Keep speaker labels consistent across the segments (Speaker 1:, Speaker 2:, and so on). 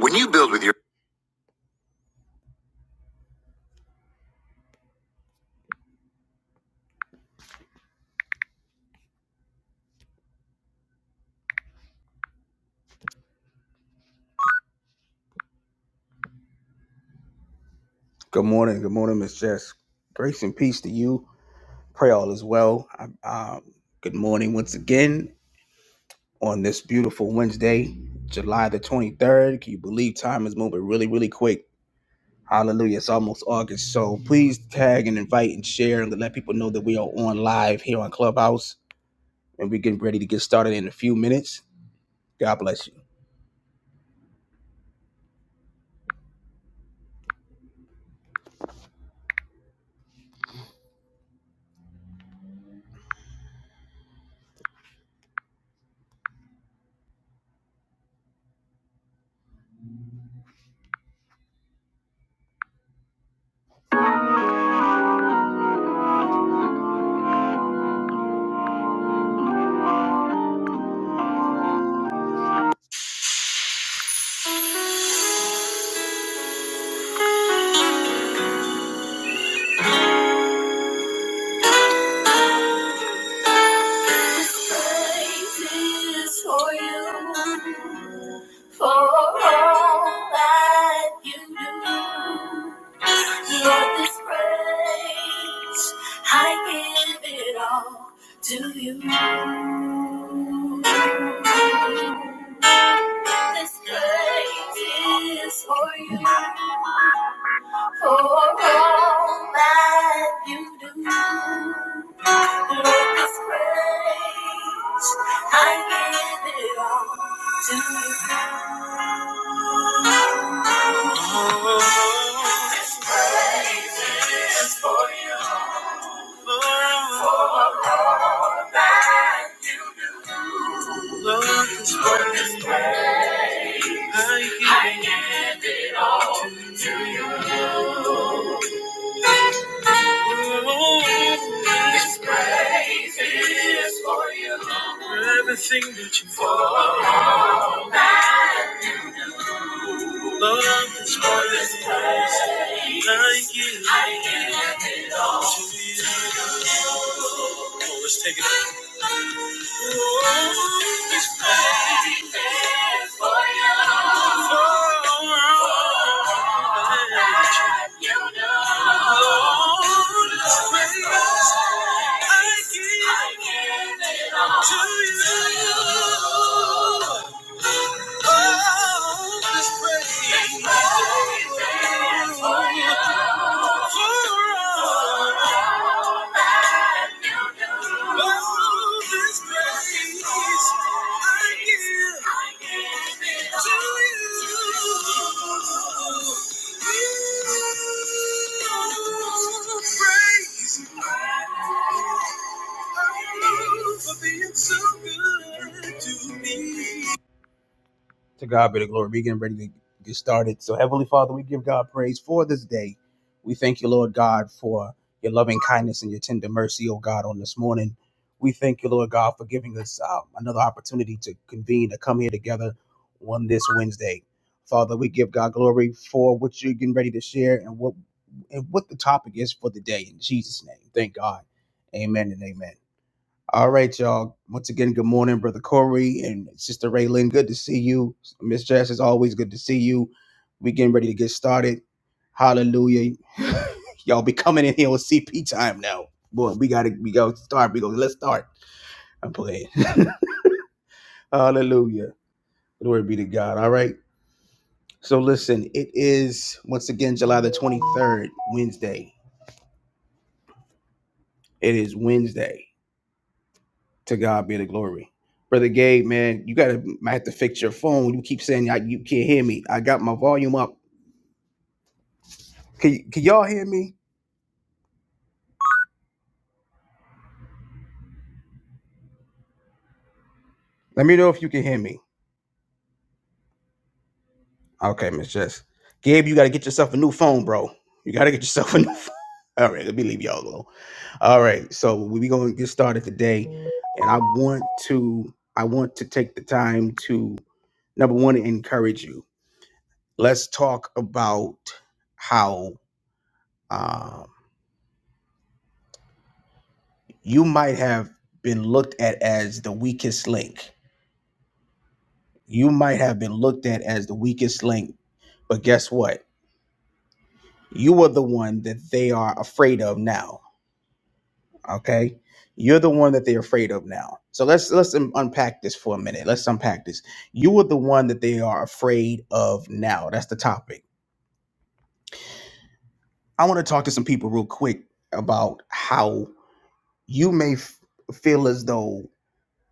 Speaker 1: When you build with your good morning, good morning, Miss Jess. Grace and peace to you. Pray all is well. I- um, good morning once again on this beautiful Wednesday, July the twenty third. Can you believe time is moving really, really quick? Hallelujah. It's almost August. So please tag and invite and share and let people know that we are on live here on Clubhouse and we're getting ready to get started in a few minutes. God bless you. This place is for you, for all that you do. Lord, this praise, I give it all to you. This praise is for you, for all that you do. Lord, this praise, I give it all to you. This praise. Thank you. Oh, let's take it. Oh, His faithfulness for you. For You know. Lord, His grace, I give I give it all to you. Oh, this praise. all this praise I give to you. praise for being so good to me. To God be the glory. We're getting ready to get started. So, Heavenly Father, we give God praise for this day. We thank you, Lord God, for your loving kindness and your tender mercy, oh God, on this morning. We thank you, Lord God, for giving us uh, another opportunity to convene, to come here together on this Wednesday. Father, we give God glory for what you're getting ready to share and what and what the topic is for the day in Jesus' name. Thank God. Amen and amen. All right, y'all. Once again, good morning, Brother Corey and Sister Raylan. Good to see you. Miss Jess, it's always good to see you. We getting ready to get started. Hallelujah. y'all be coming in here with CP time now. Boy, we gotta we gotta start. We go, let's start. I'm playing. Hallelujah. Glory be to God. All right. So listen, it is once again July the 23rd, Wednesday. It is Wednesday. To God be the glory. Brother Gabe, man, you gotta might have to fix your phone. You keep saying I, you can't hear me. I got my volume up. Can, can y'all hear me? Let me know if you can hear me. Okay, Miss Jess. Gabe, you gotta get yourself a new phone, bro. You gotta get yourself a new phone. All right, let me leave y'all alone. All right, so we're gonna get started today, and I want to I want to take the time to number one encourage you. Let's talk about how um you might have been looked at as the weakest link. You might have been looked at as the weakest link, but guess what? You are the one that they are afraid of now. Okay, you're the one that they're afraid of now. So let's let's un- unpack this for a minute. Let's unpack this. You are the one that they are afraid of now. That's the topic. I want to talk to some people real quick about how you may f- feel as though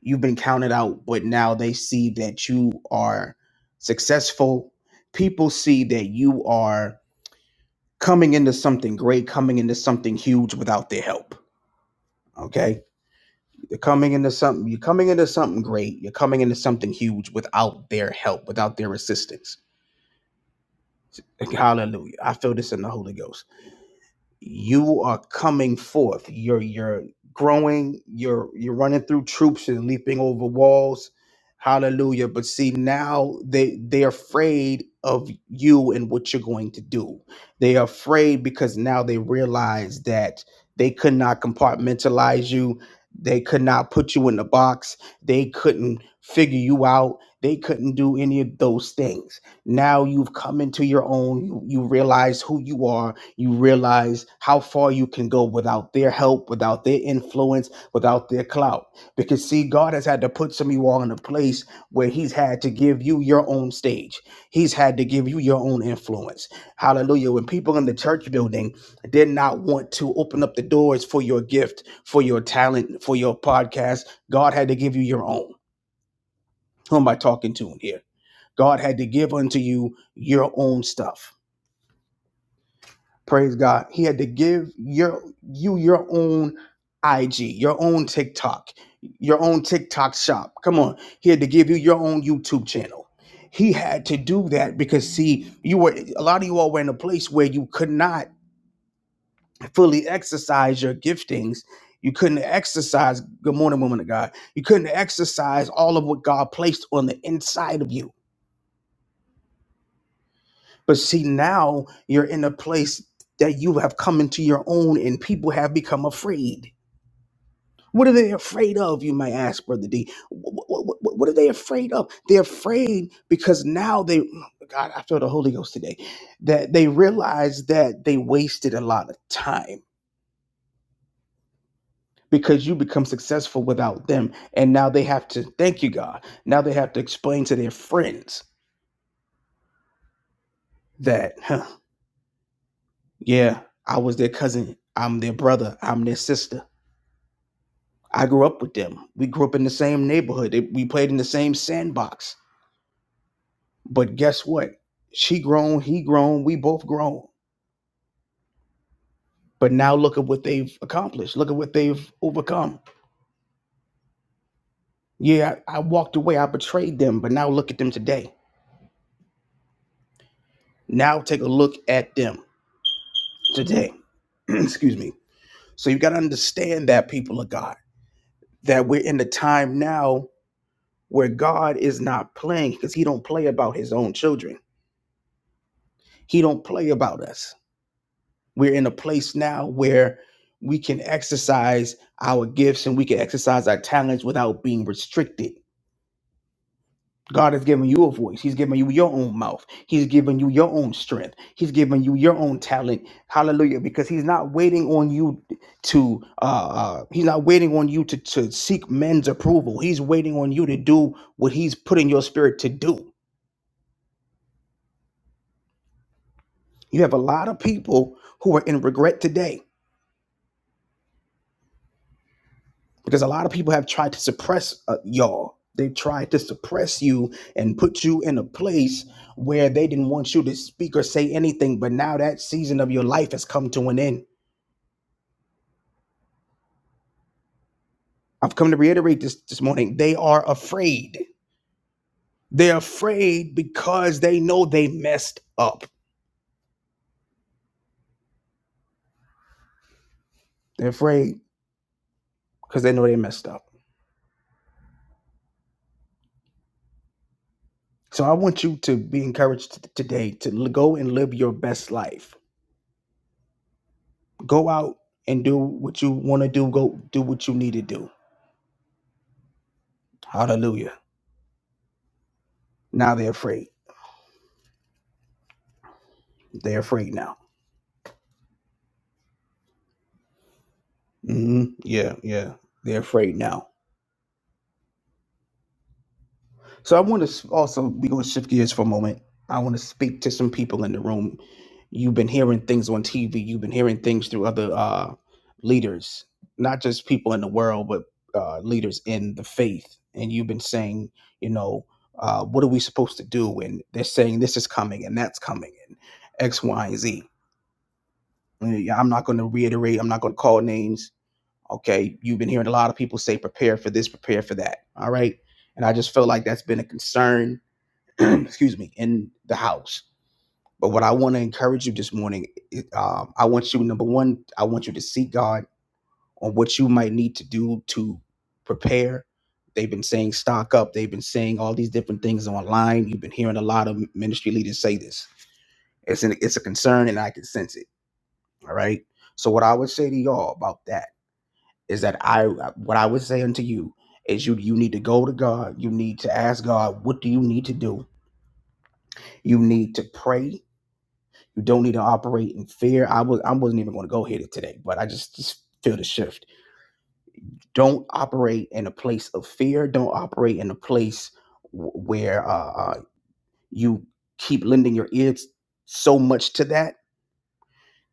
Speaker 1: you've been counted out, but now they see that you are successful. People see that you are coming into something great, coming into something huge without their help. Okay? You're coming into something, you're coming into something great, you're coming into something huge without their help, without their assistance. Hallelujah. I feel this in the Holy Ghost. you are coming forth. You're you're growing. You're you're running through troops and leaping over walls. Hallelujah. But see now they they're afraid of you and what you're going to do. They are afraid because now they realize that they could not compartmentalize you. They could not put you in the box. They couldn't figure you out. They couldn't do any of those things. Now you've come into your own. You, you realize who you are you realize how far you can go without their help, without their influence, without their clout. Because, see, God has had to put some of you all in a place where He's had to give you your own stage, He's had to give you your own influence. Hallelujah. When people in the church building did not want to open up the doors for your gift, for your talent, for your podcast, God had to give you your own. Who am I talking to in here? God had to give unto you your own stuff. Praise God. He had to give your you your own IG, your own TikTok, your own TikTok shop. Come on. He had to give you your own YouTube channel. He had to do that because see, you were a lot of you all were in a place where you could not fully exercise your giftings. You couldn't exercise, good morning, woman of God. You couldn't exercise all of what God placed on the inside of you. But see, now you're in a place that you have come into your own and people have become afraid What are they afraid of, you might ask, Brother D? What, what what, what are they afraid of? They're afraid because now they, God, I feel the Holy Ghost today, that they realize that they wasted a lot of time because you become successful without them. And now they have to, thank you, God. Now they have to explain to their friends that, huh, yeah, I was their cousin, I'm their brother, I'm their sister. I grew up with them. We grew up in the same neighborhood. They- We played in the same sandbox But guess what? She grown, he grown, we both grown. But now look at what they've accomplished. Look at what they've overcome. Yeah, I, I walked away, I betrayed them, but now look at them today. Now take a look at them today. Excuse me. So you got to understand that people of God, that we're in the time now where God is not playing because he don't play about his own children. He don't play about us. We're in a place now where we can exercise our gifts and we can exercise our talents without being restricted. God has given you a voice. He's given you your own mouth. He's given you your own strength. He's given you your own talent. Hallelujah. Because he's not waiting on you to uh, uh he's not waiting on you to, to seek men's approval. He's waiting on you to do what he's put in your spirit to do. You have a lot of people who are in regret today because a lot of people have tried to suppress uh, y'all. They tried to suppress you and put you in a place where they didn't want you to speak or say anything. But now that season of your life has come to an end. I've come to reiterate this this morning. They are afraid. They're afraid because they know they messed up. They're afraid because they know they messed up. So I want you to be encouraged t- today to l- go and live your best life. Go out and do what you want to do. Go do what you need to do. Hallelujah. Now they're afraid. They're afraid now. hmm Yeah, yeah. They're afraid now. So I want to also, we're going to shift gears for a moment. I want to speak to some people in the room. You've been hearing things on TV, you've been hearing things through other uh, leaders, not just people in the world, but uh, leaders in the faith. And you've been saying, you know, uh, what are we supposed to do? And they're saying this is coming and that's coming and X, Y, and Z. Uh, yeah, I'm not going to reiterate, I'm not going to call names Okay. You've been hearing a lot of people say, prepare for this, prepare for that. All right. And I just feel like that's been a concern, excuse me, in the house. But what I want to encourage you this morning, um, I want you, number one, I want you to seek God on what you might need to do to prepare. They've been saying stock up. They've been saying all these different things online. You've been hearing a lot of ministry leaders say this. It's an, it's a concern, and I can sense it. All right. So what I would say to y'all about that is that I what I would say unto you is you you need to go to God. You need to ask God, what do you need to do? You need to pray. You don't need to operate in fear. I was I wasn't even going to go here today, but I just, just feel the shift. Don't operate in a place of fear. Don't operate in a place wh- where uh, uh, you keep lending your ears so much to that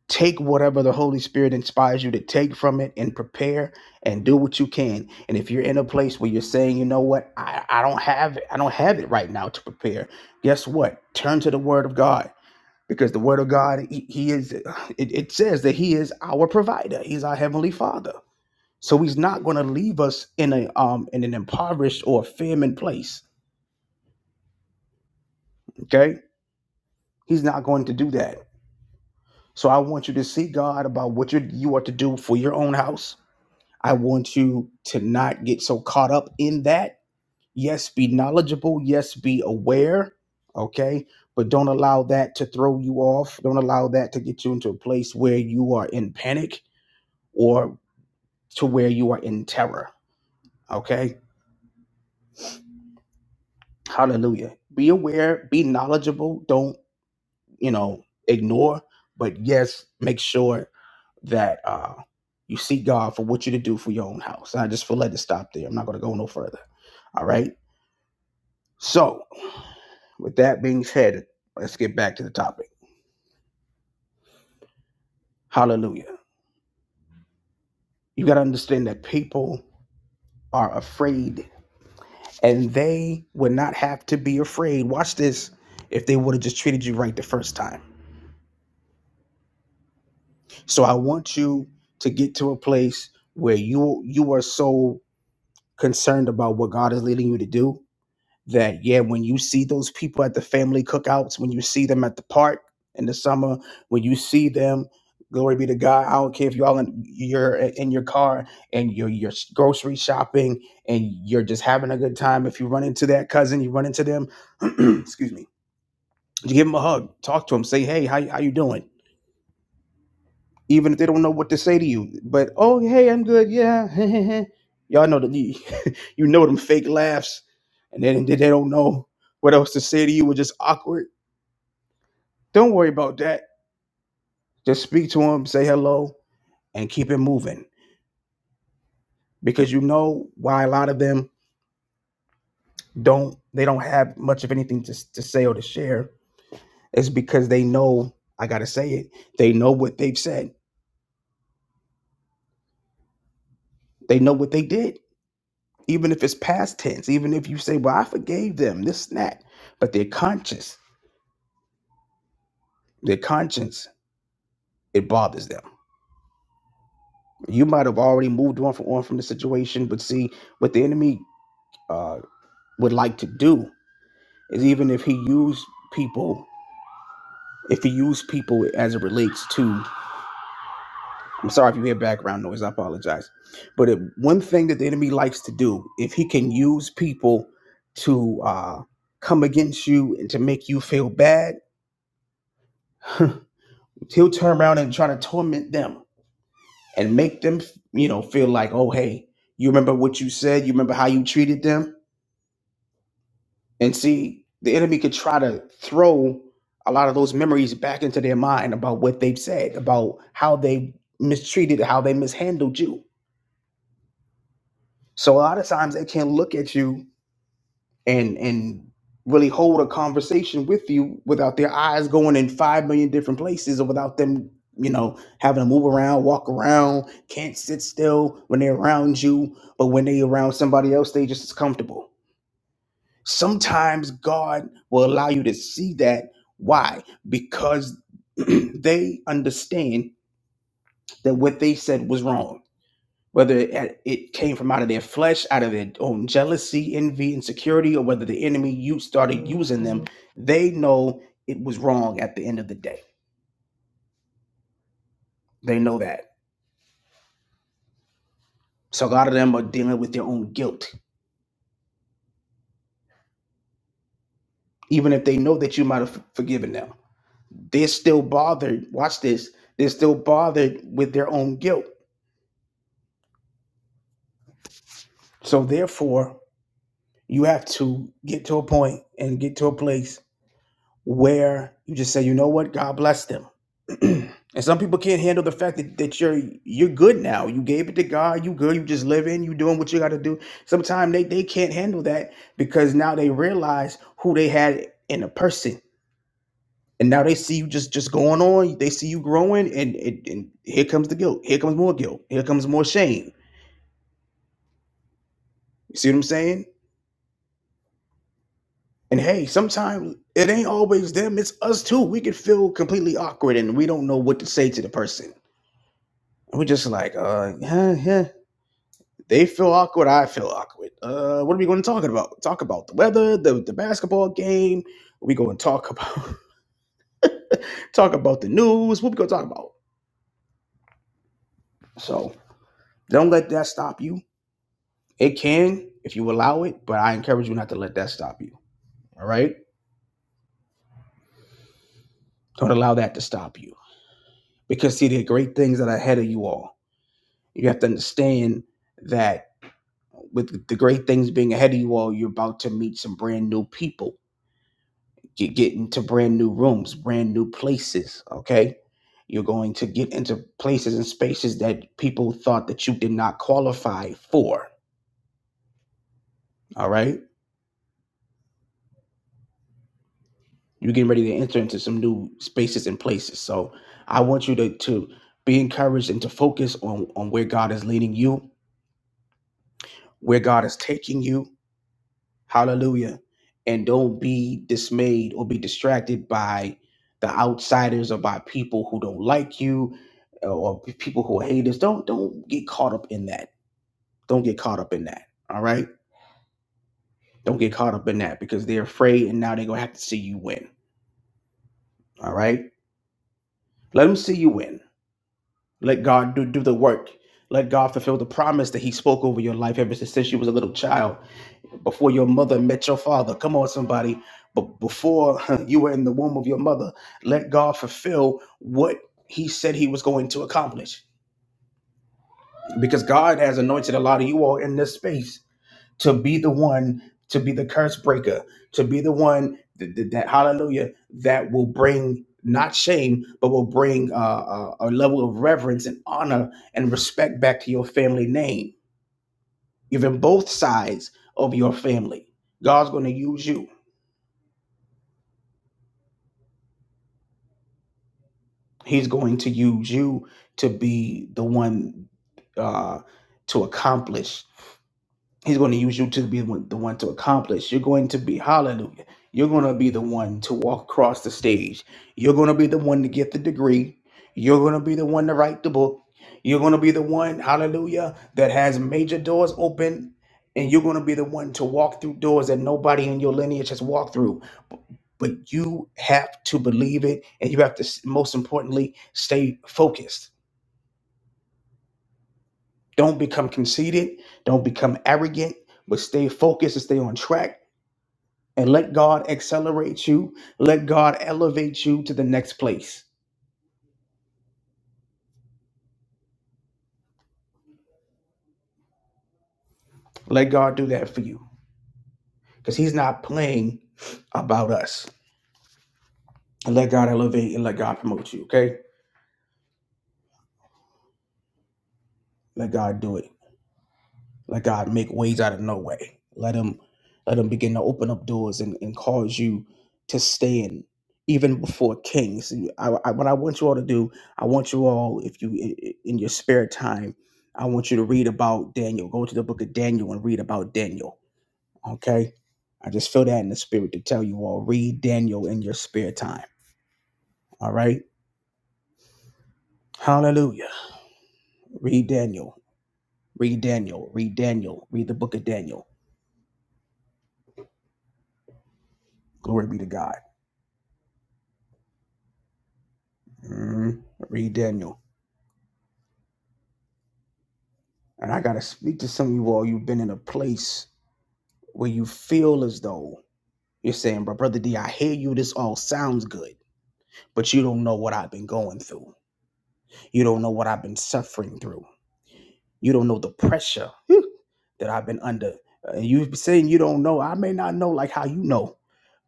Speaker 1: take whatever the Holy Spirit inspires you to take from it and prepare and do what you can. And if you're in a place where you're saying, you know what, I, I don't have it, I don't have it right now to prepare, guess what? Turn to the Word of God. Because the Word of God, He, he is, it, it says that He is our provider. He's our Heavenly Father. So He's not going to leave us in a um in an impoverished or famine place. Okay, He's not going to do that. So I want you to seek God about what you you are to do for your own house I want you to not get so caught up in that. Yes, be knowledgeable. Yes, be aware. Okay. But don't allow that to throw you off. Don't allow that to get you into a place where you are in panic or to where you are in terror. Okay. Hallelujah. Be aware, be knowledgeable. Don't, you know, ignore. But yes, make sure that uh, you seek God for what you to do for your own house. And I just feel led to stop there. I'm not going to go no further. All right. So With that being said, let's get back to the topic. Hallelujah. You got to understand that people are afraid and they would not have to be afraid. Watch this if they would have just treated you right the first time. So I want you to get to a place where you you are so concerned about what God is leading you to do that yeah when you see those people at the family cookouts when you see them at the park in the summer when you see them glory be to god i don't care if y'all in you're in your car and you're you're grocery shopping and you're just having a good time if you run into that cousin you run into them excuse me you give them a hug talk to them say hey how, how you doing even if they don't know what to say to you but oh hey i'm good yeah y'all know that You know them fake laughs, and then they don't know what else to say to you, and just awkward. Don't worry about that. Just speak to them, say hello, and keep it moving because you know why a lot of them don't. They don't have much of anything to to say or to share. It's because they know I gotta say it. They know what they've said. They know what they did. Even if it's past tense, even if you say, "Well, I forgave them," this and that, but their conscience, their conscience, it bothers them you might have already moved on from on from the situation but see what the enemy uh would like to do is even if he used people if he used people as it relates to i'm sorry if you hear background noise i apologize but if, one thing that the enemy likes to do if he can use people to uh come against you and to make you feel bad he'll turn around and try to torment them and make them you know feel like oh hey you remember what you said you remember how you treated them And see, the enemy could try to throw a lot of those memories back into their mind about what they've said, about how they mistreated, how they mishandled you. So a lot of times they can look at you and and really hold a conversation with you without their eyes going in five million different places or without them, you know, having to move around, walk around, can't sit still when they're around you. But when they are around somebody else, they just as comfortable. Sometimes God will allow you to see that. Why? Because they understand that what they said was wrong. Whether it it came from out of their flesh, out of their own jealousy, envy, insecurity, or whether the enemy you started using them, they know it was wrong at the end of the day. They know that. So a lot of them are dealing with their own guilt. Even if they know that you might have forgiven them, they're still bothered. Watch this. They're still bothered with their own guilt. So therefore, You have to get to a point and get to a place where you just say, you know what, God bless them. and some people can't handle the fact that, that you're you're good now. You gave it to God, you good, you just living, you doing what you gotta do. Sometimes they, they can't handle that because now they realize who they had in a person. And now they see you just just going on, they see you growing, and, and and here comes the guilt. Here comes more guilt. Here comes more shame. You see what I'm saying? And hey, sometimes it ain't always them, it's us too. We can feel completely awkward and we don't know what to say to the person. And we're just like, uh, yeah, yeah. They feel awkward, I feel awkward. Uh, what are we going to talk about? Talk about the weather, the, the basketball game. We going to talk about talk about the news. What we going to talk about? So don't let that stop you. It can if you allow it, but I encourage you not to let that stop you. All right? Don't allow that to stop you because see, there are great things that are ahead of you all you have to understand that with the great things being ahead of you all, you're about to meet some brand new people, get, get into brand new rooms, brand new places. Okay. You're going to get into places and spaces that people thought that you did not qualify for. All right. You're getting ready to enter into some new spaces and places. So I want you to, to be encouraged and to focus on, on where God is leading you, where God is taking you, Hallelujah. And don't be dismayed or be distracted by the outsiders or by people who don't like you uh, or people who are haters. Don't don't get caught up in that. Don't get caught up in that. All right. Don't get caught up in that because they're afraid and now they're gonna have to see you win. All right. Let them see you win. Let God do, do the work. Let God fulfill the promise that He spoke over your life ever since you was a little child. before your mother met your father. Come on, somebody. But before you were in the womb of your mother, let God fulfill what He said He was going to accomplish. Because God has anointed a lot of you all in this space to be the one, to be the curse breaker, to be the one that, that, that- hallelujah, that will bring not shame, but will bring uh, uh, a level of reverence and honor and respect back to your family name, even both sides of your family. God's going to use you. He's going to use you to be the one uh, to accomplish He's going to use you to be the one to accomplish. You're going to be, hallelujah. You're going to be the one to walk across the stage. You're going to be the one to get the degree. You're going to be the one to write the book. You're going to be the one, hallelujah, that has major doors open. And you're going to be the one to walk through doors that nobody in your lineage has walked through. But you have to believe it. And you have to, most importantly, stay focused. Don't become conceited. Don't become arrogant, but stay focused and stay on track and let God accelerate you. Let God elevate you to the next place. Let God do that for you because He's not playing about us. And let God elevate and let God promote you. Okay, let God do it. Let God make ways out of no way. Let Him, let Him begin to open up doors and, and cause you to stand even before kings. I, I, what I want you all to do, I want you all, if you i- i- in your spare time, I want you to read about Daniel. Go to the book of Daniel and read about Daniel Okay. I just feel that in the spirit to tell you all read Daniel in your spare time. All right. Hallelujah. Read Daniel. Read Daniel. Read Daniel. Read the book of Daniel. Glory be to God. Mhm. Read Daniel. And I got to speak to some of you all. You've been in a place where you feel as though you're saying, but Brother D, I hear you. This all sounds good, but you don't know what I've been going through. You don't know what I've been suffering through. You don't know the pressure that I've been under. And you saying you don't know, I may not know like how you know,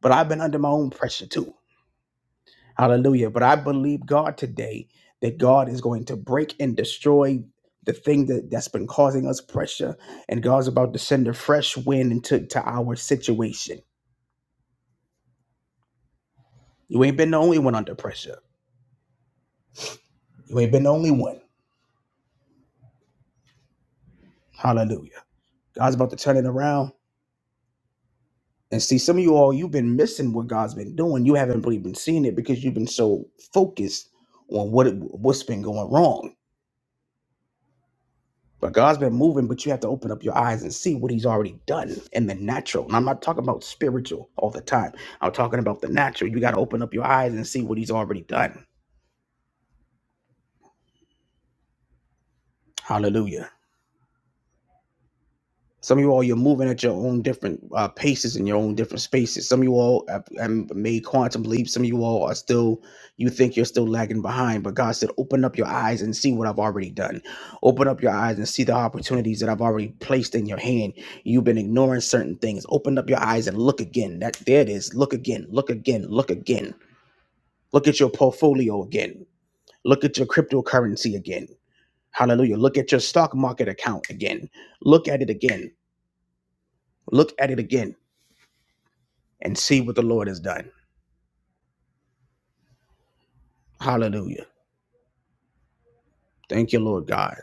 Speaker 1: but I've been under my own pressure too. Hallelujah. But I believe God today that God is going to break and destroy the thing that, that's been causing us pressure. And God's about to send a fresh wind into to our situation. You ain't been the only one under pressure. You ain't been the only one. Hallelujah. God's about to turn it around And see, some of you all, you've been missing what God's been doing. You haven't really been seeing it because you've been so focused on what it, what's been going wrong. But God's been moving, but you have to open up your eyes and see what He's already done in the natural. And I'm not talking about spiritual all the time. I'm talking about the natural. You got to open up your eyes and see what He's already done. Hallelujah. Some of you all, you're moving at your own different uh, paces in your own different spaces. Some of you all have, have made quantum leaps. Some of you all are still, you think you're still lagging behind. But God said, open up your eyes and see what I've already done. Open up your eyes and see the opportunities that I've already placed in your hand. You've been ignoring certain things. Open up your eyes and look again. That there it is. Look again. Look again. Look again. Look at your portfolio again. Look at your cryptocurrency again. Hallelujah. Look at your stock market account again. Look at it again. Look at it again and see what the Lord has done. Hallelujah. Thank you, Lord God.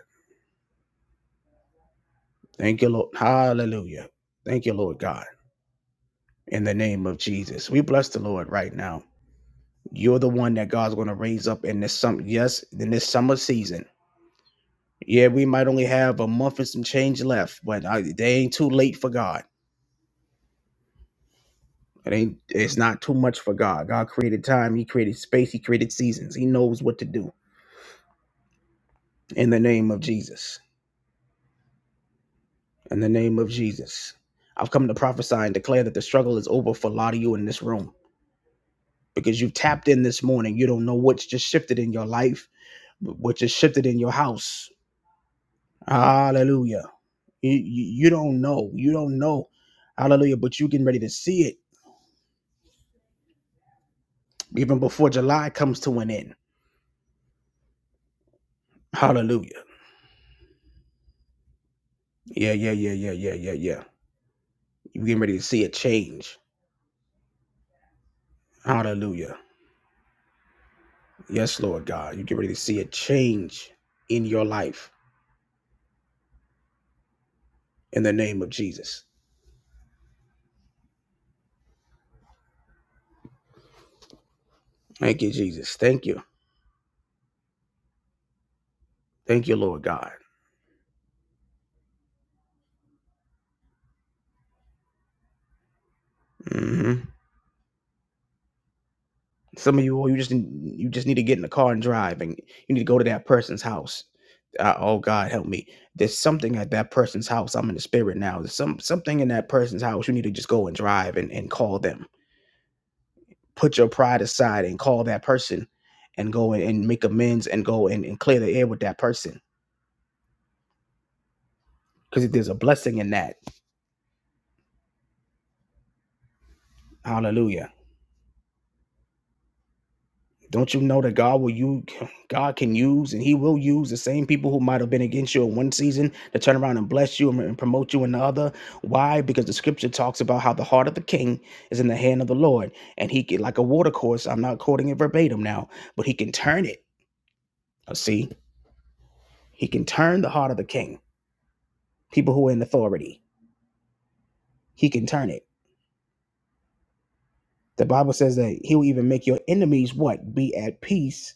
Speaker 1: Thank you, Lord. Hallelujah. Thank you, Lord God. In the name of Jesus. We bless the Lord right now. You're the one that God's going to raise up in this summer. Yes, in this summer season. Yeah, we might only have a month and some change left, but I, they ain't too late for God. It ain't. It's not too much for God. God created time. He created space. He created seasons. He knows what to do. In the name of Jesus. in the name of Jesus. I've come to prophesy and declare that the struggle is over for a lot of you in this room because you've tapped in this morning. You don't know what's just shifted in your life, what just shifted in your house. Hallelujah. You, you you don't know. You don't know. Hallelujah. But you are getting ready to see it even before July comes to an end. Hallelujah. Yeah, yeah, yeah, yeah, yeah, yeah, yeah. you are getting ready to see a change. Hallelujah. Yes, Lord God. you are getting ready to see a change in your life in the name of Jesus. Thank you, Jesus. Thank you. Thank you, Lord God. hmm Some of you, oh, you just you just need to get in the car and drive, and you need to go to that person's house. Uh, oh God, help me. There's something at that person's house. I'm in the spirit now. There's some something in that person's house. You need to just go and drive and, and call them. Put your pride aside and call that person, and go and, and make amends and go and, and clear the air with that person because there's a blessing in that. Hallelujah. Don't you know that God will you God can use and He will use the same people who might have been against you in one season to turn around and bless you and, promote you in the other? Why? Because the scripture talks about how the heart of the king is in the hand of the Lord. And he can like a water course, I'm not quoting it verbatim now, but he can turn it. Uh, See, he can turn the heart of the king, people who are in authority. He can turn it. The Bible says that he will even make your enemies what? Be at peace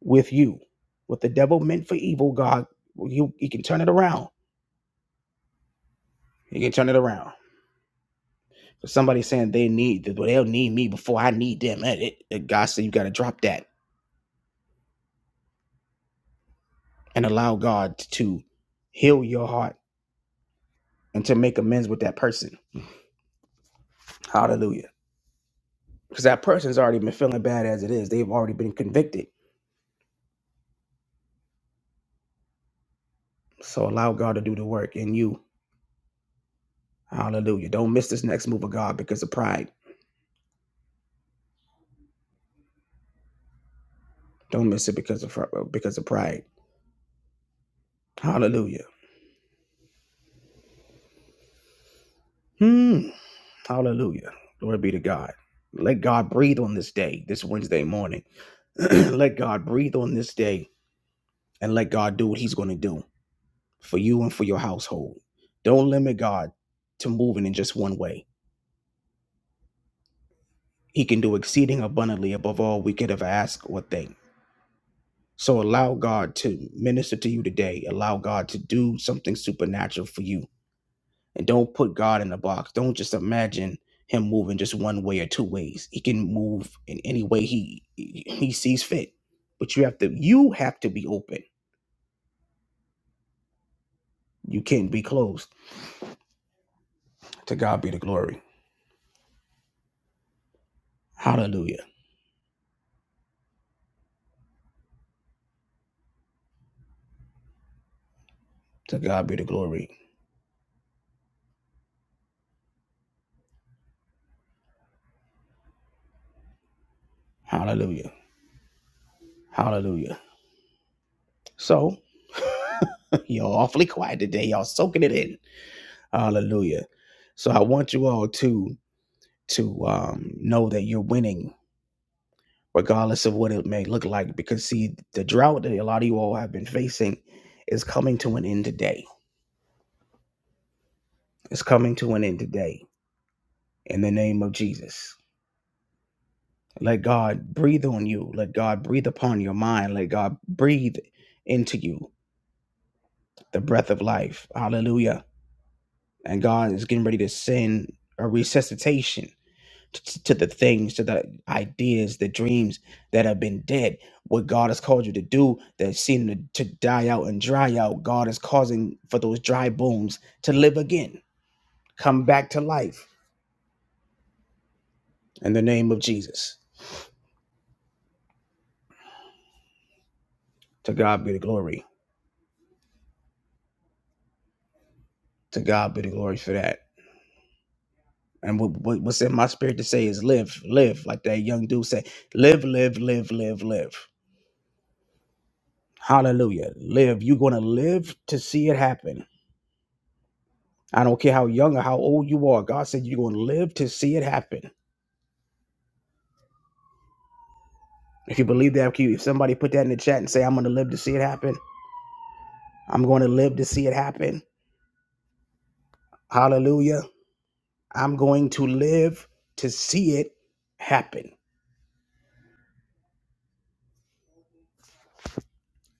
Speaker 1: with you. What the devil meant for evil, God, you he can turn it around You can turn it around. If somebody's saying they need, well, they'll need me before I need them. it, it- God said you got to drop that and allow God to heal your heart and to make amends with that person. Hallelujah. Because that person's already been feeling bad as it is. They've already been convicted. So allow God to do the work in you. Hallelujah. Don't miss this next move of God because of pride. Don't miss it because of because of pride. Hallelujah. Hmm. Hallelujah. Glory be to God. Let God breathe on this day, this Wednesday morning. let God breathe on this day and let God do what He's going to do for you and for your household. Don't limit God to moving in just one way. He can do exceeding abundantly above all we could ever ask or think. So allow God to minister to you today. Allow God to do something supernatural for you. And don't put God in a box. Don't just imagine him moving just one way or two ways. He can move in any way he he sees fit. But you have to you have to be open. You can't be closed To God be the glory. Hallelujah. To God be the glory. Hallelujah. Hallelujah. So, y'all awfully quiet today. Y'all soaking it in. Hallelujah. So I want you all to to um, know that you're winning, regardless of what it may look like. Because see, the drought that a lot of you all have been facing is coming to an end today. It's coming to an end today. In the name of Jesus. Let God breathe on you. Let God breathe upon your mind. Let God breathe into you the breath of life. Hallelujah. And God is getting ready to send a resuscitation t- to the things, to the ideas, the dreams that have been dead. What God has called you to do that seem to, to die out and dry out, God is causing for those dry bones to live again, come back to life in the name of Jesus. To God be the glory. To God be the glory for that. And what, what, what's in my spirit to say is live, live, like that young dude said, live, live, live, live, live. Hallelujah. Live. You're going to live to see it happen. I don't care how young or how old you are. God said you're going to live to see it happen. If you believe that, if somebody put that in the chat and say, I'm going to live to see it happen, I'm going to live to see it happen. Hallelujah. I'm going to live to see it happen.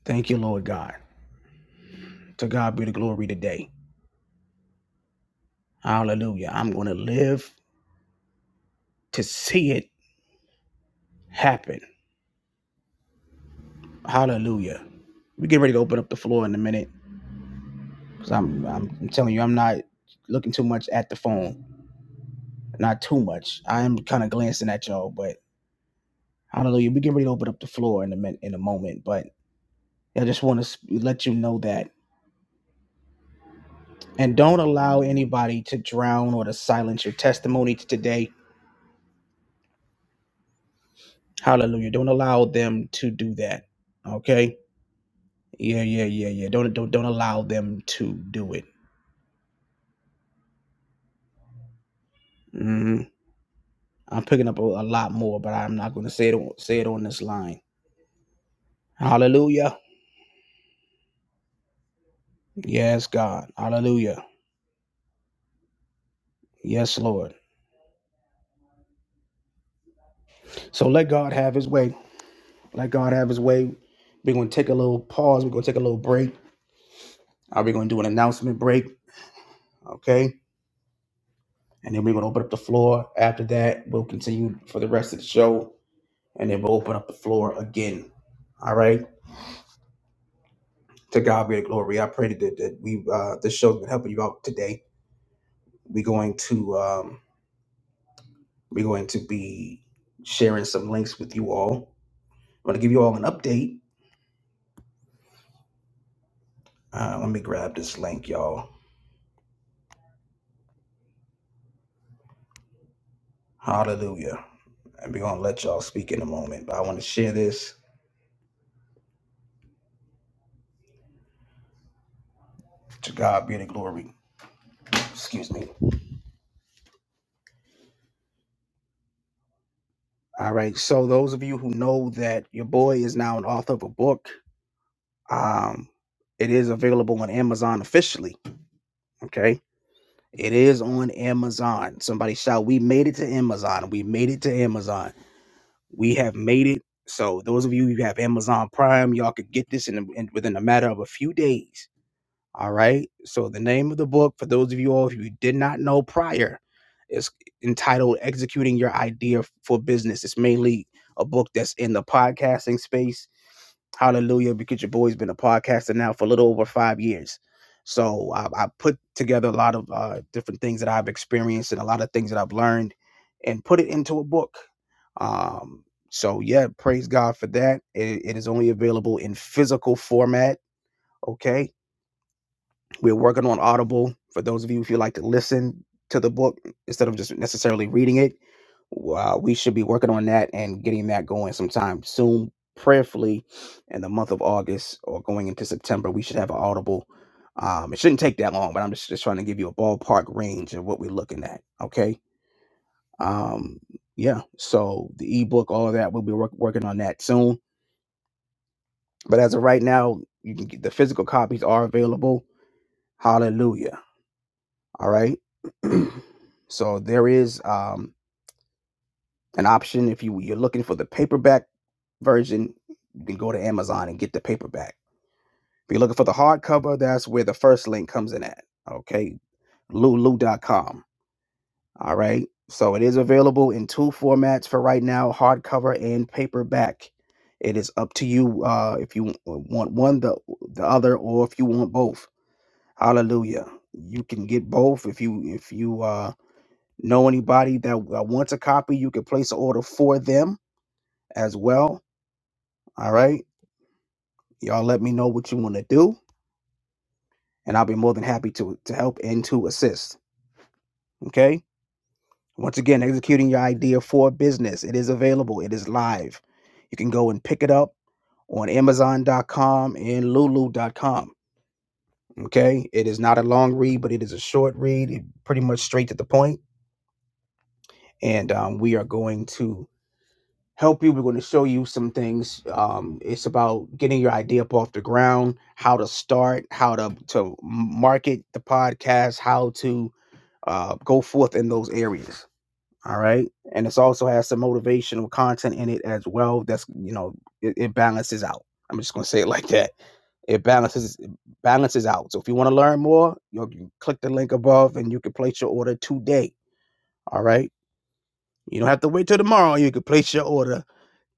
Speaker 1: Thank you, Lord God. To God be the glory today. Hallelujah. I'm going to live to see it happen. Hallelujah. We get ready to open up the floor in a minute. Cause I'm, I'm telling you, I'm not looking too much at the phone. Not too much. I am kind of glancing at y'all, but hallelujah. We get ready to open up the floor in a min- in a moment, but I just want to let you know that. And don't allow anybody to drown or to silence your testimony today. Hallelujah. Don't allow them to do that. Okay. Yeah, yeah, yeah, yeah. Don't don't don't allow them to do it. hmm I'm picking up a, a lot more, but I'm not going to say it on, say it on this line. Hallelujah. Yes, God. Hallelujah. Yes, Lord. So let God have his way. Let God have his way. We're going to take a little pause. We're going to take a little break. Uh, we're going to do an announcement break. Okay. And then we're going to open up the floor. After that, we'll continue for the rest of the show. And then we'll open up the floor again. All right. To God be the glory. I pray that, that we uh this show's been helping you out today. We're going to um we're going to be sharing some links with you all. I'm gonna give you all an update. Uh, let me grab this link, y'all Hallelujah. And we're going to let y'all speak in a moment, but I want to share this. To God be the glory. Excuse me. All right. So, those of you who know that your boy is now an author of a book, um, it is available on Amazon officially. Okay. It is on Amazon. Somebody shout, We made it to Amazon. We made it to Amazon. We have made it. So, those of you who have Amazon Prime, y'all could get this in, in within a matter of a few days All right. So the name of the book, for those of you all who did not know prior, is entitled Executing Your Idea for Business. It's mainly a book that's in the podcasting space. Hallelujah, because your boy's been a podcaster now for a little over five years. So I, I put together a lot of uh, different things that I've experienced and a lot of things that I've learned and put it into a book. Um, so yeah, praise God for that. It, it is only available in physical format. Okay we're working on Audible for those of you if you like to listen to the book instead of just necessarily reading it. Uh, we should be working on that and getting that going sometime soon, prayerfully, in the month of August or going into September. We should have an Audible. Um, it shouldn't take that long, but I'm just, just trying to give you a ballpark range of what we're looking at. Okay. Um, yeah. So the ebook, all of that, we'll be work, working on that soon. But as of right now, you can get, the physical copies are available. Hallelujah. All right. so there is um, an option if you you're looking for the paperback version, you can go to Amazon and get the paperback. If you're looking for the hardcover, that's where the first link comes in at. Okay, lulu.com. All right. So it is available in two formats for right now: hardcover and paperback. It is up to you uh, if you want one, the the other, or if you want both. Hallelujah. You can get both if you if you uh know anybody that, that wants a copy, you can place an order for them as well. All right. Y'all let me know what you want to do, and I'll be more than happy to, to help and to assist. Okay. Once again, executing your idea for business. It is available, it is live. You can go and pick it up on Amazon.com and Lulu.com. Okay. It is not a long read, but it is a short read, it- pretty much straight to the point. And um, we are going to help you. We're going to show you some things. Um, it's about getting your idea up off the ground, how to start, how to to market the podcast, how to uh, go forth in those areas. All right, and it's also has some motivational content in it as well. That's you know it, it balances out. I'm just going to say it like that. It balances it balances out. So if you want to learn more, you can click the link above and you can place your order today. All right. You don't have to wait till tomorrow. You can place your order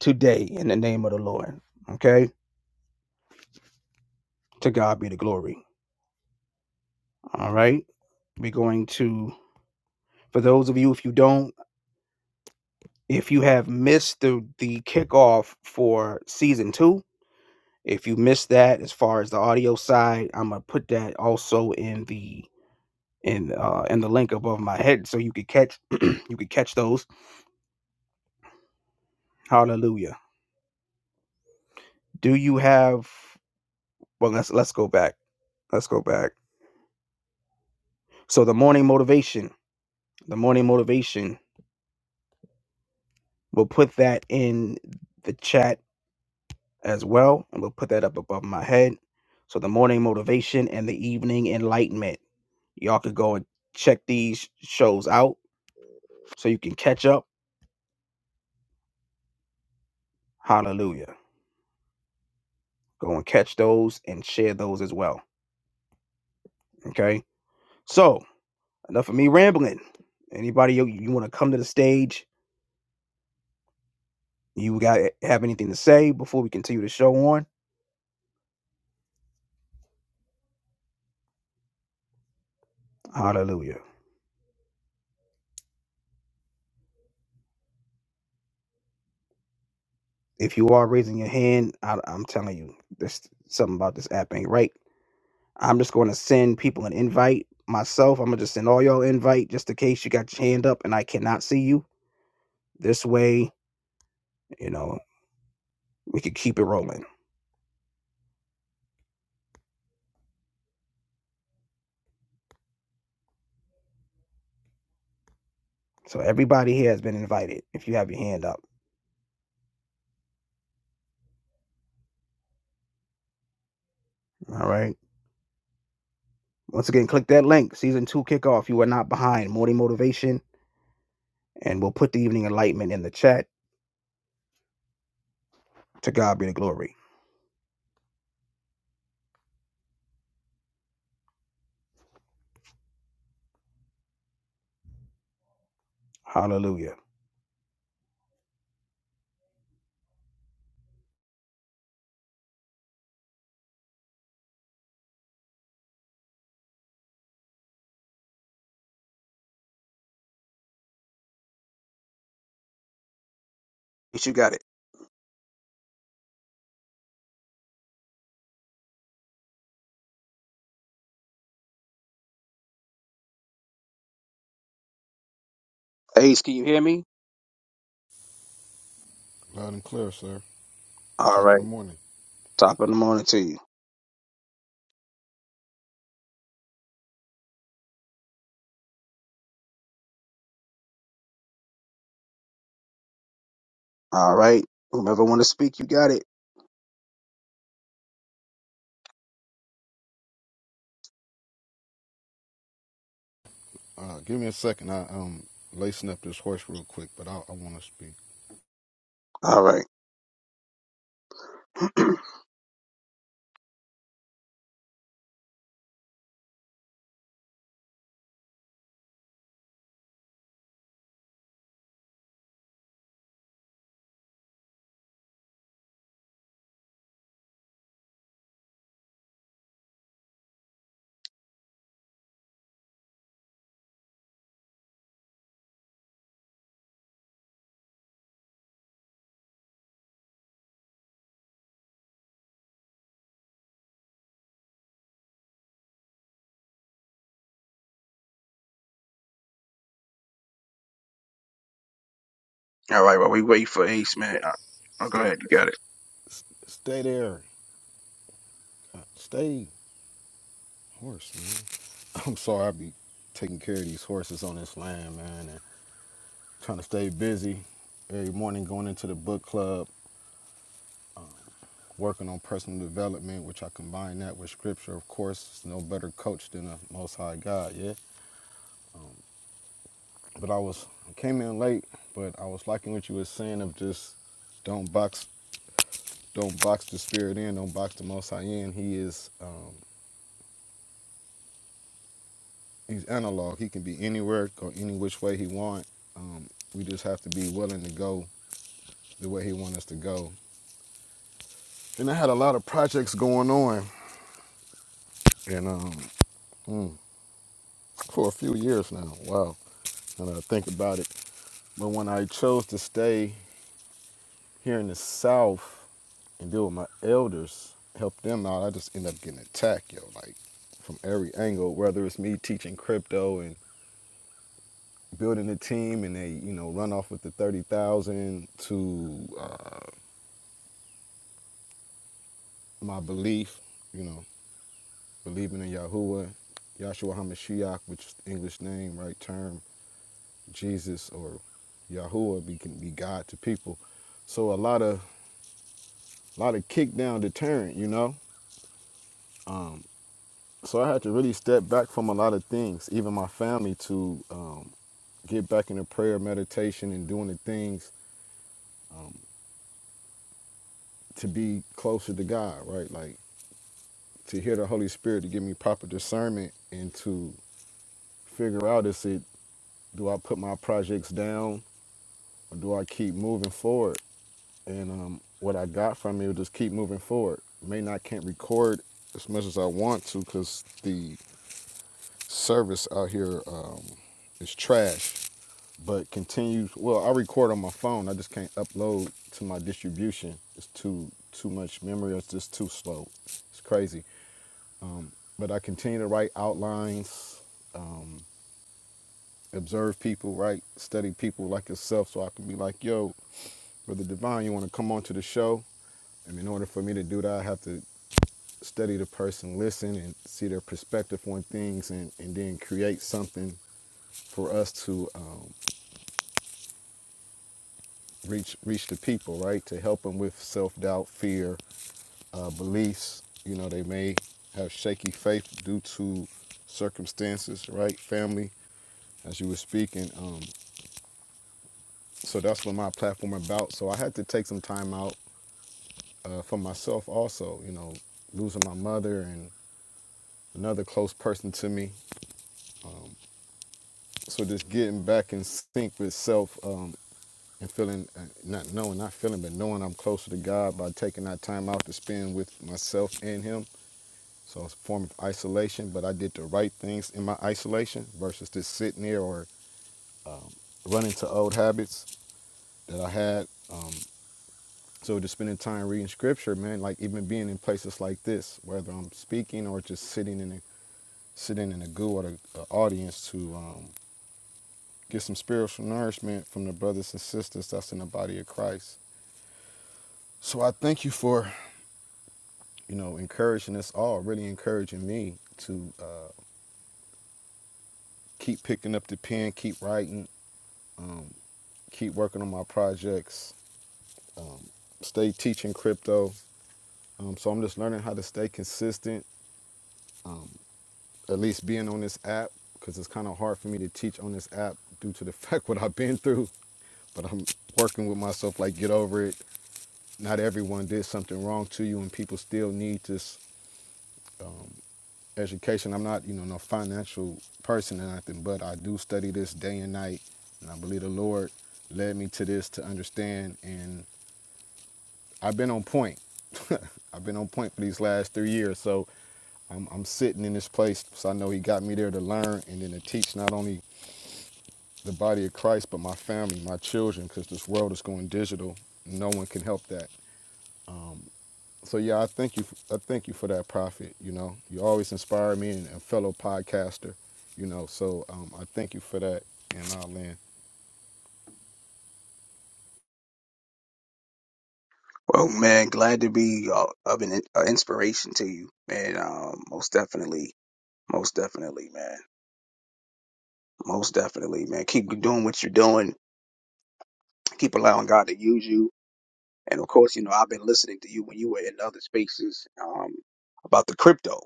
Speaker 1: today in the name of the Lord. Okay? To God be the glory. All right. We're going to, for those of you, if you don't, if you have missed the, the kickoff for season two, if you missed that as far as the audio side, I'm gonna put that also in the in uh in the link above my head so you could catch you could catch those. Hallelujah. Do you have well let's let's go back. Let's go back. So the morning motivation. The morning motivation We'll put that in the chat as well, and we'll put that up above my head. So the morning motivation and the evening enlightenment. Y'all could go and check these shows out so you can catch up. Hallelujah. Go and catch those and share those as well. Okay. So enough of me rambling. Anybody you, you want to come to the stage? You got have anything to say before we continue the show on? Hallelujah. If you are raising your hand, I, I'm telling you, there's something about this app ain't right I'm just going to send people an invite myself. I'm going to just send all y'all invite just in case you got your hand up and I cannot see you. This way, you know, we can keep it rolling. So everybody here has been invited if you have your hand up. All right. Once again, click that link. Season two kickoff. You are not behind. Morning motivation. And we'll put the evening enlightenment in the chat. To God be the glory. Hallelujah. Ace, You got it. Ace, can you hear me?
Speaker 2: Loud and clear, sir.
Speaker 1: All
Speaker 2: Top of the
Speaker 1: right.
Speaker 2: morning.
Speaker 1: Top of the morning to you. All right. Whomever want to speak, you got it.
Speaker 2: Uh, give me a second. I um lacing up this horse real quick, but I, I want to speak.
Speaker 1: All right. All right, while we wait for Ace, man. I, oh, go
Speaker 2: Stay,
Speaker 1: ahead. You
Speaker 2: s-
Speaker 1: got it.
Speaker 2: stay there. Uh, stay, horse, man. I'm sorry. I be taking care of these horses on this land, man, and trying to stay busy. Every morning, going into the book club, working on personal development, which I combine that with scripture. Of course, it's no better coach than the Most High God, yeah. But I was I came in late, but I was liking what you were saying of just don't box Don't box the spirit in. Don't box the Most High in. He is um, he's analog. He can be anywhere, go any which way he want. Um, we just have to be willing to go the way he want us to go. And I had a lot of projects going on, and um, mm, for a few years now. Wow, now that I think about it. But when I chose to stay here in the South and deal with my elders, help them out, I just end up getting attacked, yo. Like from every angle, whether it's me teaching crypto and building a team and they you know run off with the 30,000 to uh, my belief you know believing in Yahuwah Yahshua HaMashiach which is the English name right term Jesus or Yahuwah be, can be God to people so a lot of a lot of kick down deterrent you know um, so I had to really step back from a lot of things even my family to um, get back into prayer meditation and doing the things um, to be closer to God right like to hear the Holy Spirit to give me proper discernment and to figure out is it do I put my projects down or do I keep moving forward? And um, what I got from it was just keep moving forward. May not can't record as much as I want to because the service out here uh, is trash. But continue. Well, I record on my phone. I just can't upload to my distribution. It's too too much memory. It's just too slow. It's crazy. Um, but I continue to write outlines Um, observe people, right? Study people like yourself so I can be like, yo, Brother Divine, you want to come on to the show? And in order for me to do that, I have to study the person, listen, and see their perspective on things, and, and then create something for us to um, reach reach the people, right? To help them with self doubt, fear, uh, beliefs. You know, they may have shaky faith due to circumstances, right? Family, as you were speaking. Um, so that's what my platform about. So I had to take some time out uh, for myself also, you know, losing my mother and another close person to me. So just getting back in sync with self um, and feeling, uh, not knowing, not feeling, but knowing I'm closer to God by taking that time out to spend with myself and Him. So it's a form of isolation, but I did the right things in my isolation versus just sitting there or running to old habits that I had. So just spending time reading scripture, man, like even being in places like this, whether I'm speaking or just sitting in a sitting in the goo or the uh, audience to um, get some spiritual nourishment from the brothers and sisters that's in the body of Christ. So I thank you for, you know, encouraging us all, really encouraging me to uh, keep picking up the pen, keep writing, um, keep working on my projects, stay teaching crypto. Um, so I'm just learning how to stay consistent, at least being on this app, because it's kind of hard for me to teach on this app due to the fact what I've been through. But I'm working with myself, like get over it, not everyone did something wrong to you and people still need this education i'm not you know no financial person or nothing but i do study this day and night and i believe the lord led me to this to understand and i've been on point i've been on point for these last three years so i'm, I'm sitting in this place so i know he got me there to learn and then to teach not only the body of christ but my family my children because this world is going digital no one can help that so yeah, I thank you. I thank you for that, Prophet. You know, you always inspire me and, and fellow podcaster. You know, so um, I thank you for that, and I'll end.
Speaker 1: Well, man, glad to be uh, of an in- uh, inspiration to you, man. Um, most definitely, most definitely, man. Most definitely, man. Keep doing what you're doing. Keep allowing God to use you. And of course, you know, I've been listening to you when you were in other spaces um, about the crypto.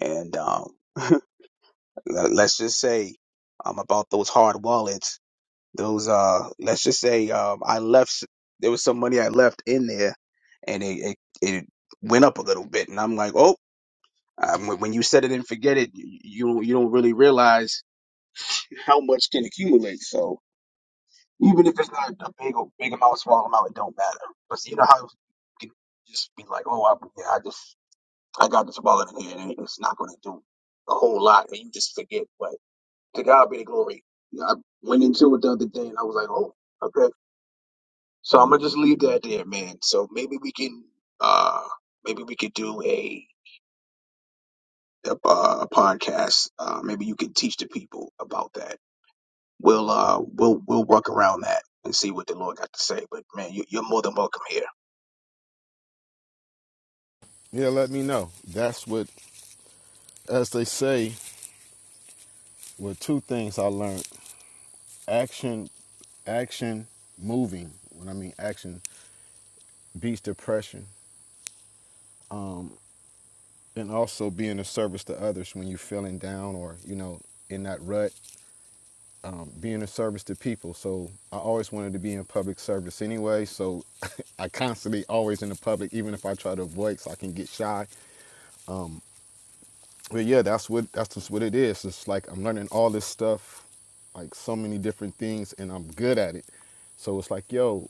Speaker 1: And um, let- let's just say um, about those hard wallets. Those uh, let's just say um, I left. There was some money I left in there, and it it, it went up a little bit, and I'm like, oh. Um, when you set it and forget it, you you don't you don't really realize how much can accumulate. So even if it's not a big big amount, small amount, it don't matter. But see, you know how you can just be like, oh, I, yeah, I just I got this wallet in here, and it's not going to do a whole lot, and you just forget. But to God be the glory. I went into it the other day, and I was like, oh, okay. So I'm gonna just leave that there, man. So maybe we can uh maybe we could do a a, uh, a podcast. Uh maybe you can teach the people about that. We'll uh we'll we'll work around that and see what the Lord got to say. But man, you, you're more than welcome here.
Speaker 2: Yeah, let me know. That's what, as they say, were two things I learned: action, action, moving. When I mean action, beats depression, um, and also being of service to others when you're feeling down or you know in that rut. um, being of service to people. So I always wanted to be in public service anyway. So I constantly always in the public, even if I try to avoid, so I can get shy. But yeah, that's what that's just what it is. It's like I'm learning all this stuff, like so many different things, and I'm good at it. So it's like, yo,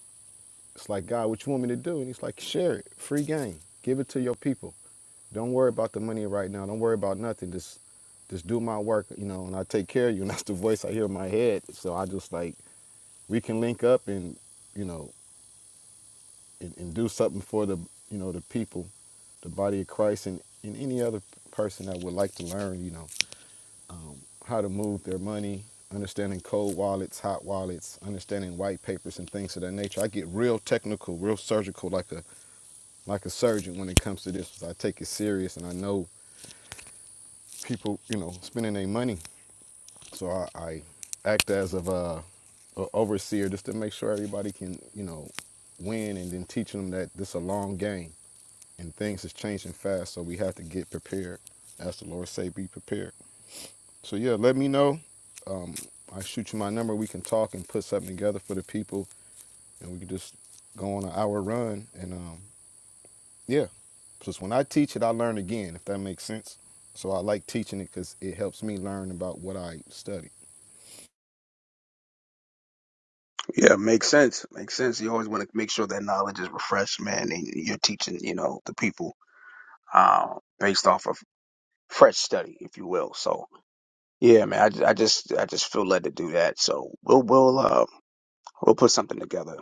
Speaker 2: it's like God, what you want me to do? And he's like, share it, free game, give it to your people. Don't worry about the money right now. Don't worry about nothing. Just just do my work, you know, and I take care of you. And that's the voice I hear in my head. So I just like we can link up and you know and, and do something for the you know the people the body of christ and, and any other person that would like to learn you know um, how to move their money understanding cold wallets hot wallets understanding white papers and things of that nature i get real technical real surgical like a like a surgeon when it comes to this i take it serious and i know people you know spending their money So I, I act as of a, a overseer just to make sure everybody can, you know, win and then teaching them that this is a long game and things is changing fast. So we have to get prepared. As the Lord say, be prepared. So yeah, let me know. Um, I shoot you my number. We can talk and put something together for the people and we can just go on an hour run. And um, yeah, because when I teach it, I learn again, if that makes sense. So I like teaching it because it helps me learn about what I study.
Speaker 1: Yeah, makes sense. Makes sense. You always want to make sure that knowledge is refreshed, man, and you're teaching, you know, the people uh, based off of fresh study, if you will. So yeah, man, I, ju- I just I just feel led to do that. So we'll we'll uh we'll put something together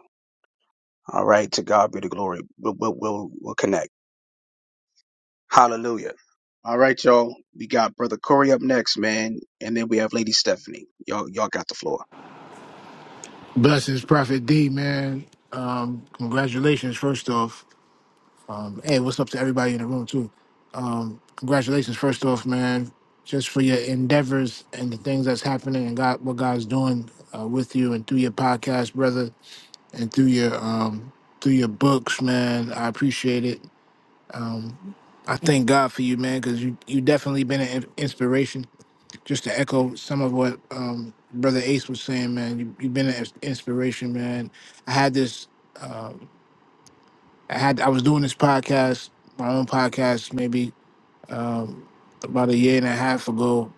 Speaker 1: All right, to God be the glory. We'll we'll we'll, we'll connect. Hallelujah. All right, y'all. We got Brother Corey up next, man, and then we have Lady Stephanie. Y'all y'all got the floor.
Speaker 3: Blessings, Prophet D, man. Um, congratulations, first off. Hey, what's up to everybody in the room, too? Um, congratulations, first off, man, just for your endeavors and the things that's happening and God, what God's doing uh, with you and through your podcast, brother, and through your um, through your books, man. I appreciate it. Um, I thank God for you, man, because you you definitely been an in- inspiration just to echo some of what um, Brother Ace was saying, man, you, you've been an ins- inspiration, man. I had this, uh, I had, I was doing this podcast, my own podcast, maybe um, about a year and a half ago,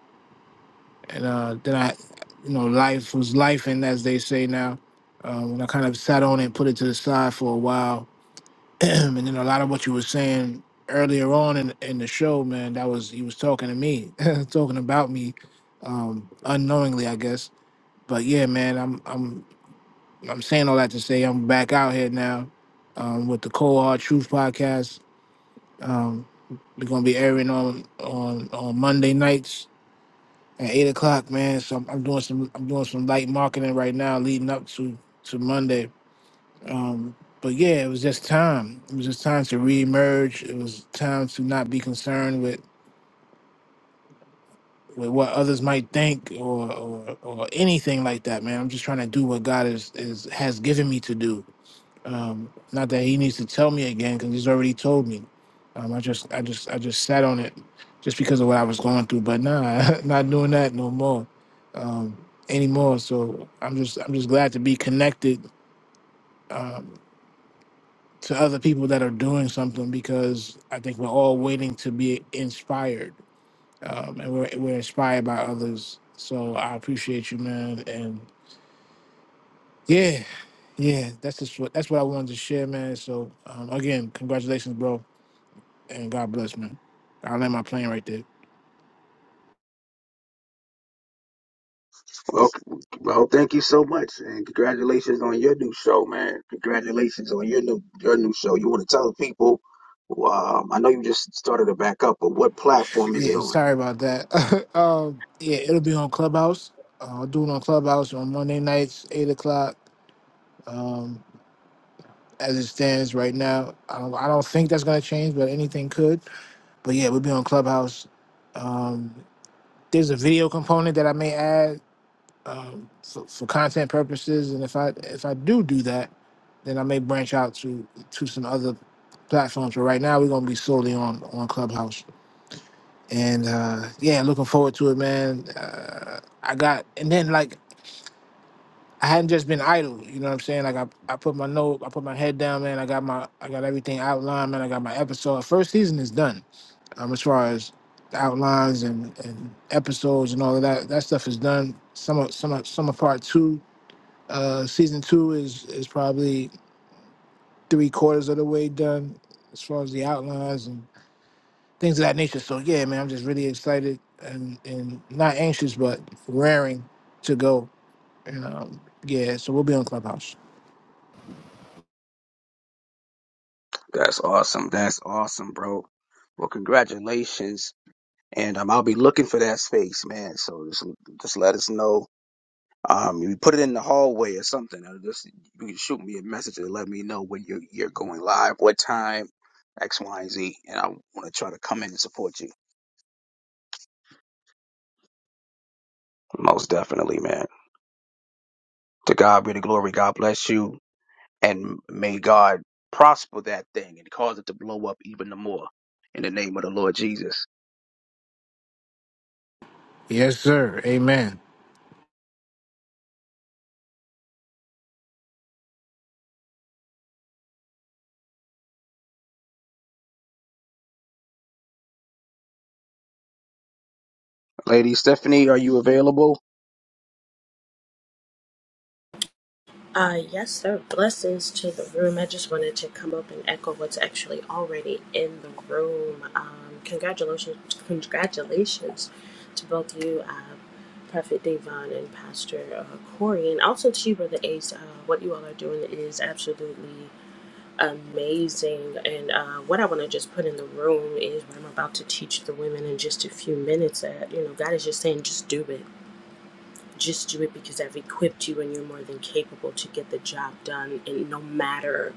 Speaker 3: and uh, then I, you know, life was life, and as they say now, um, and I kind of sat on it and put it to the side for a while, and then a lot of what you were saying earlier on in, in the show, man, that was he was talking to me, talking about me, um, unknowingly, I guess but yeah, man, I'm I'm I'm saying all that to say I'm back out here now um, with the Cold Hard Truth podcast. Um, we're gonna be airing on on on Monday nights at eight o'clock, man. So I'm, I'm doing some I'm doing some light marketing right now, leading up to to Monday. Um, but yeah, it was just time. It was just time to reemerge. It was time to not be concerned with with what others might think or, or or anything like that, man. I'm just trying to do what God is, is has given me to do Um, not that he needs to tell me again because he's already told me. Um, I just, I just, I just sat on it just because of what I was going through. But nah, not doing that no more um, anymore. So I'm just, I'm just glad to be connected um, to other people that are doing something because I think we're all waiting to be inspired, um, and we're we're inspired by others. So I appreciate you, man. And yeah, yeah, that's just what that's what I wanted to share, man. So um, again, congratulations, bro and God bless, man. I land my plane right there.
Speaker 1: Well, well, thank you so much, and congratulations on your new show, man. Congratulations on your new your new show. You want to tell the people? Um, I know you just started to back up, but what platform is it
Speaker 3: Yeah,
Speaker 1: on?
Speaker 3: sorry about that. um, yeah, it'll be on Clubhouse. Uh, I'll do it on Clubhouse on Monday nights, eight o'clock. Um, as it stands right now, I don't, I don't think that's gonna change, but anything could. But yeah, we'll be on Clubhouse. Um, there's a video component that I may add um, for, for content purposes, and if I if I do do that, then I may branch out to to some other platforms. But right now, we're gonna be solely on on Clubhouse. and uh yeah looking forward to it man uh, i got and then like i hadn't just been idle you know what i'm saying like I, I put my note i put my head down man i got my i got everything outlined man i got my episode first season is done um as far as the outlines and and episodes and all of that that stuff is done some of some of some of part two uh season two is is probably three quarters of the way done as far as the outlines and. things of that nature. So yeah, man, I'm just really excited and, and not anxious, but raring to go. And um, yeah, so we'll be on Clubhouse.
Speaker 1: That's awesome. That's awesome, bro. Well, congratulations, and um, I'll be looking for that space, man. So just just let us know Um, you put it in the hallway or something. Or just you can shoot me a message and let me know when you're you're going live, what time, X, Y, and Z, and I want to try to come in and support you. Most definitely, man. To God be the glory. God bless you, and may God prosper that thing and cause it to blow up even the more in the name of the Lord Jesus.
Speaker 3: Yes, sir. Amen.
Speaker 1: Lady Stephanie, are you available?
Speaker 4: Uh, yes, sir. Blessings to the room. I just wanted to come up and echo what's actually already in the room. Um, congratulations, congratulations to both you, uh, Prophet Devon and Pastor uh, Corey, and also to you, Brother Ace. Uh, what you all are doing is absolutely amazing. And uh, what I want to just put in the room is what I'm about to teach the women in just a few minutes. That you know, God is just saying, just do it just do it because I've equipped you and you're more than capable to get the job done. And no matter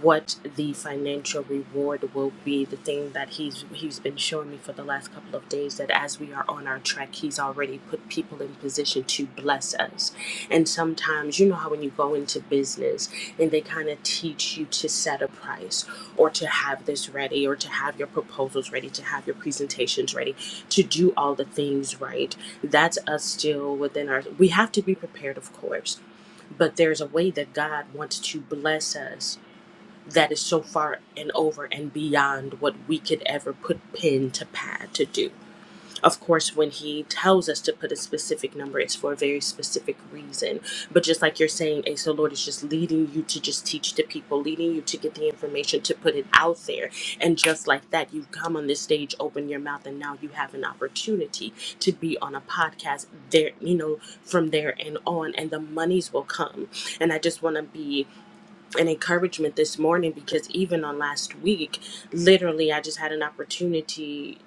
Speaker 4: what the financial reward will be the thing that he's he's been showing me for the last couple of days that as we are on our trek he's already put people in position to bless us and sometimes you know how when you go into business and they kind of teach you to set a price or to have this ready or to have your proposals ready to have your presentations ready to do all the things right that's us still within our we have to be prepared of course but there's a way that God wants to bless us that is so far and over and beyond what we could ever put pen to pad to do. Of course, when he tells us to put a specific number, it's for a very specific reason. But just like you're saying, Ace, the Lord is just leading you to just teach the people, leading you to get the information to put it out there. And just like that, you've come on this stage, open your mouth, and now you have an opportunity to be on a podcast there, you know, from there and on, and the monies will come. And I just want to be an encouragement this morning because even on last week, literally, I just had an opportunity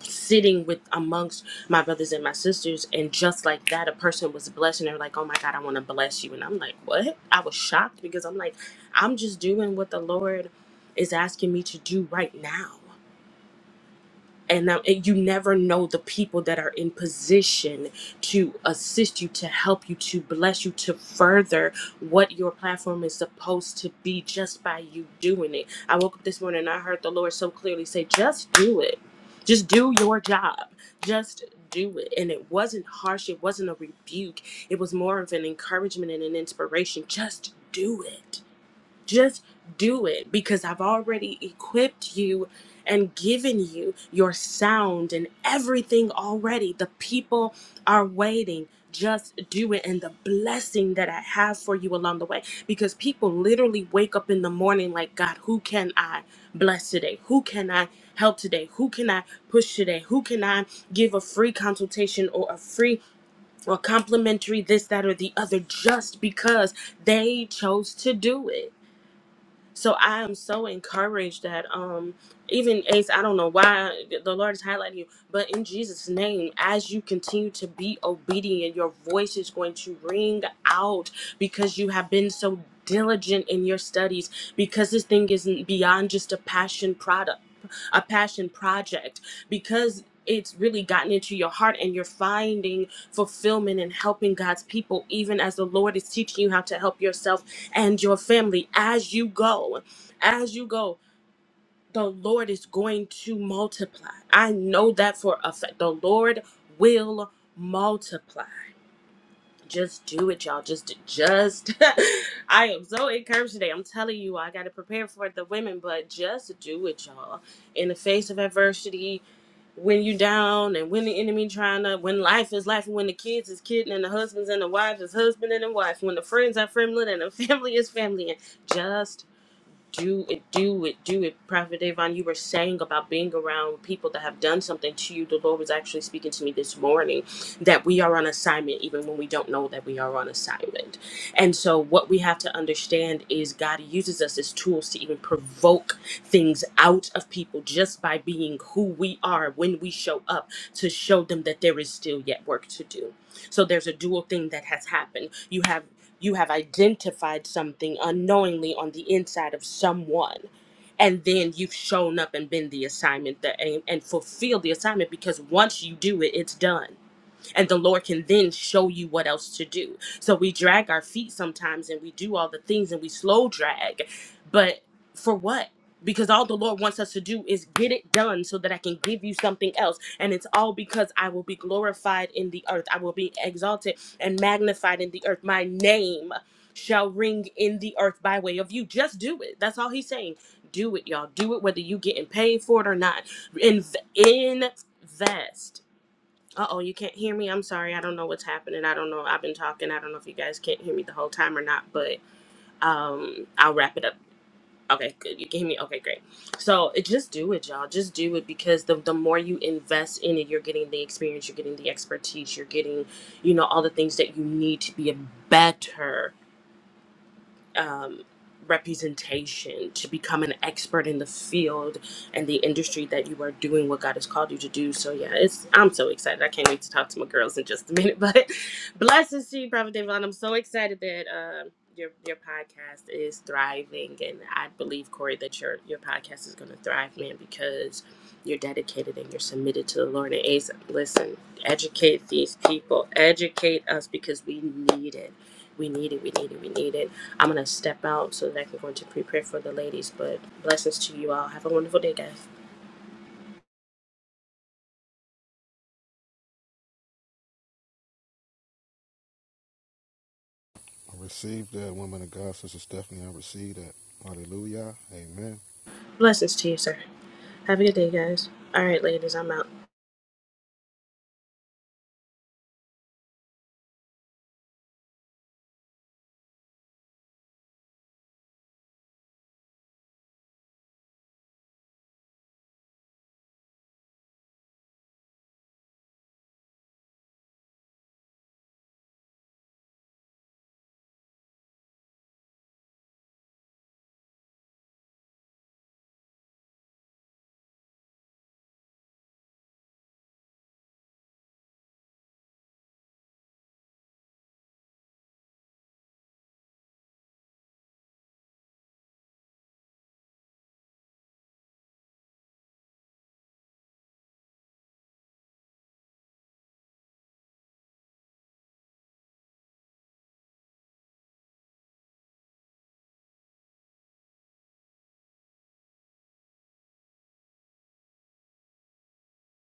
Speaker 4: sitting with amongst my brothers and my sisters, and just like that, a person was blessed, and they're like, "Oh my God, I want to bless you," and I'm like, "What?" I was shocked because I'm like, I'm just doing what the Lord is asking me to do right now and, um, and you never know the people that are in position to assist you to help you to bless you to further what your platform is supposed to be just by you doing it i woke up this morning and i heard the lord so clearly say just do it just do your job just do it and it wasn't harsh it wasn't a rebuke it was more of an encouragement and an inspiration just do it just do it because I've already equipped you and given you your sound and everything already. The people are waiting. Just do it and the blessing that I have for you along the way. Because people literally wake up in the morning like, God, who can I bless today? Who can I help today? Who can I push today? Who can I give a free consultation or a free or complimentary this, that, or the other just because they chose to do it? So I am so encouraged that um even Ace, I don't know why the Lord is highlighting you, but in Jesus' name, as you continue to be obedient, your voice is going to ring out because you have been so diligent in your studies, because this thing isn't beyond just a passion product, a passion project, because it's really gotten into your heart and you're finding fulfillment and helping God's people, even as the Lord is teaching you how to help yourself and your family as you go. As you go, the Lord is going to multiply. I know that for a fact. The Lord will multiply. Just do it, y'all. Just, just. I am so encouraged today. I'm telling you, I got to prepare for the women, but just do it, y'all. In the face of adversity, when you down and when the enemy trying to, when life is life, and when the kids is kidding and the husbands and the wives is husband and the wife, when the friends are friendly and the family is family, and just do it, do it, do it. Prophet Davon, you were saying about being around people that have done something to you. The Lord was actually speaking to me this morning that we are on assignment even when we don't know that we are on assignment. And so, what we have to understand is God uses us as tools to even provoke things out of people just by being who we are when we show up to show them that there is still yet work to do. So, there's a dual thing that has happened. You have you have identified something unknowingly on the inside of someone and then you've shown up and been the assignment that and, and fulfilled the assignment because once you do it it's done and the Lord can then show you what else to do. So we drag our feet sometimes and we do all the things and we slow drag, but for what? Because all the Lord wants us to do is get it done so that I can give you something else. And it's all because I will be glorified in the earth. I will be exalted and magnified in the earth. My name shall ring in the earth by way of you. Just do it. That's all he's saying. Do it, y'all. Do it whether you getting paid for it or not. Inv- invest. Uh oh, you can't hear me. I'm sorry. I don't know what's happening. I don't know. I've been talking. I don't know if you guys can't hear me the whole time or not, but um, I'll wrap it up. Okay, good. You can hear me. Okay, great. So it, just do it, y'all. Just do it because the, the more you invest in it, you're getting the experience, you're getting the expertise, you're getting, you know, all the things that you need to be a better um, representation, to become an expert in the field and the industry that you are doing what God has called you to do. So yeah, it's I'm so excited. I can't wait to talk to my girls in just a minute. But blessings to you, Brother Devon. I'm so excited that um your your podcast is thriving, and I believe Corey that your your podcast is going to thrive, man, because you're dedicated and you're submitted to the Lord. And Ace, listen, educate these people, educate us because we need it. We need it, we need it, we need it. I'm going to step out so that I can go into prepare for the ladies. But blessings to you all. Have a wonderful day, guys.
Speaker 2: I received that, woman of God, Sister Stephanie. I received that. Hallelujah. Amen.
Speaker 4: Blessings to you, sir. Have a good day, guys. All right, ladies, I'm out.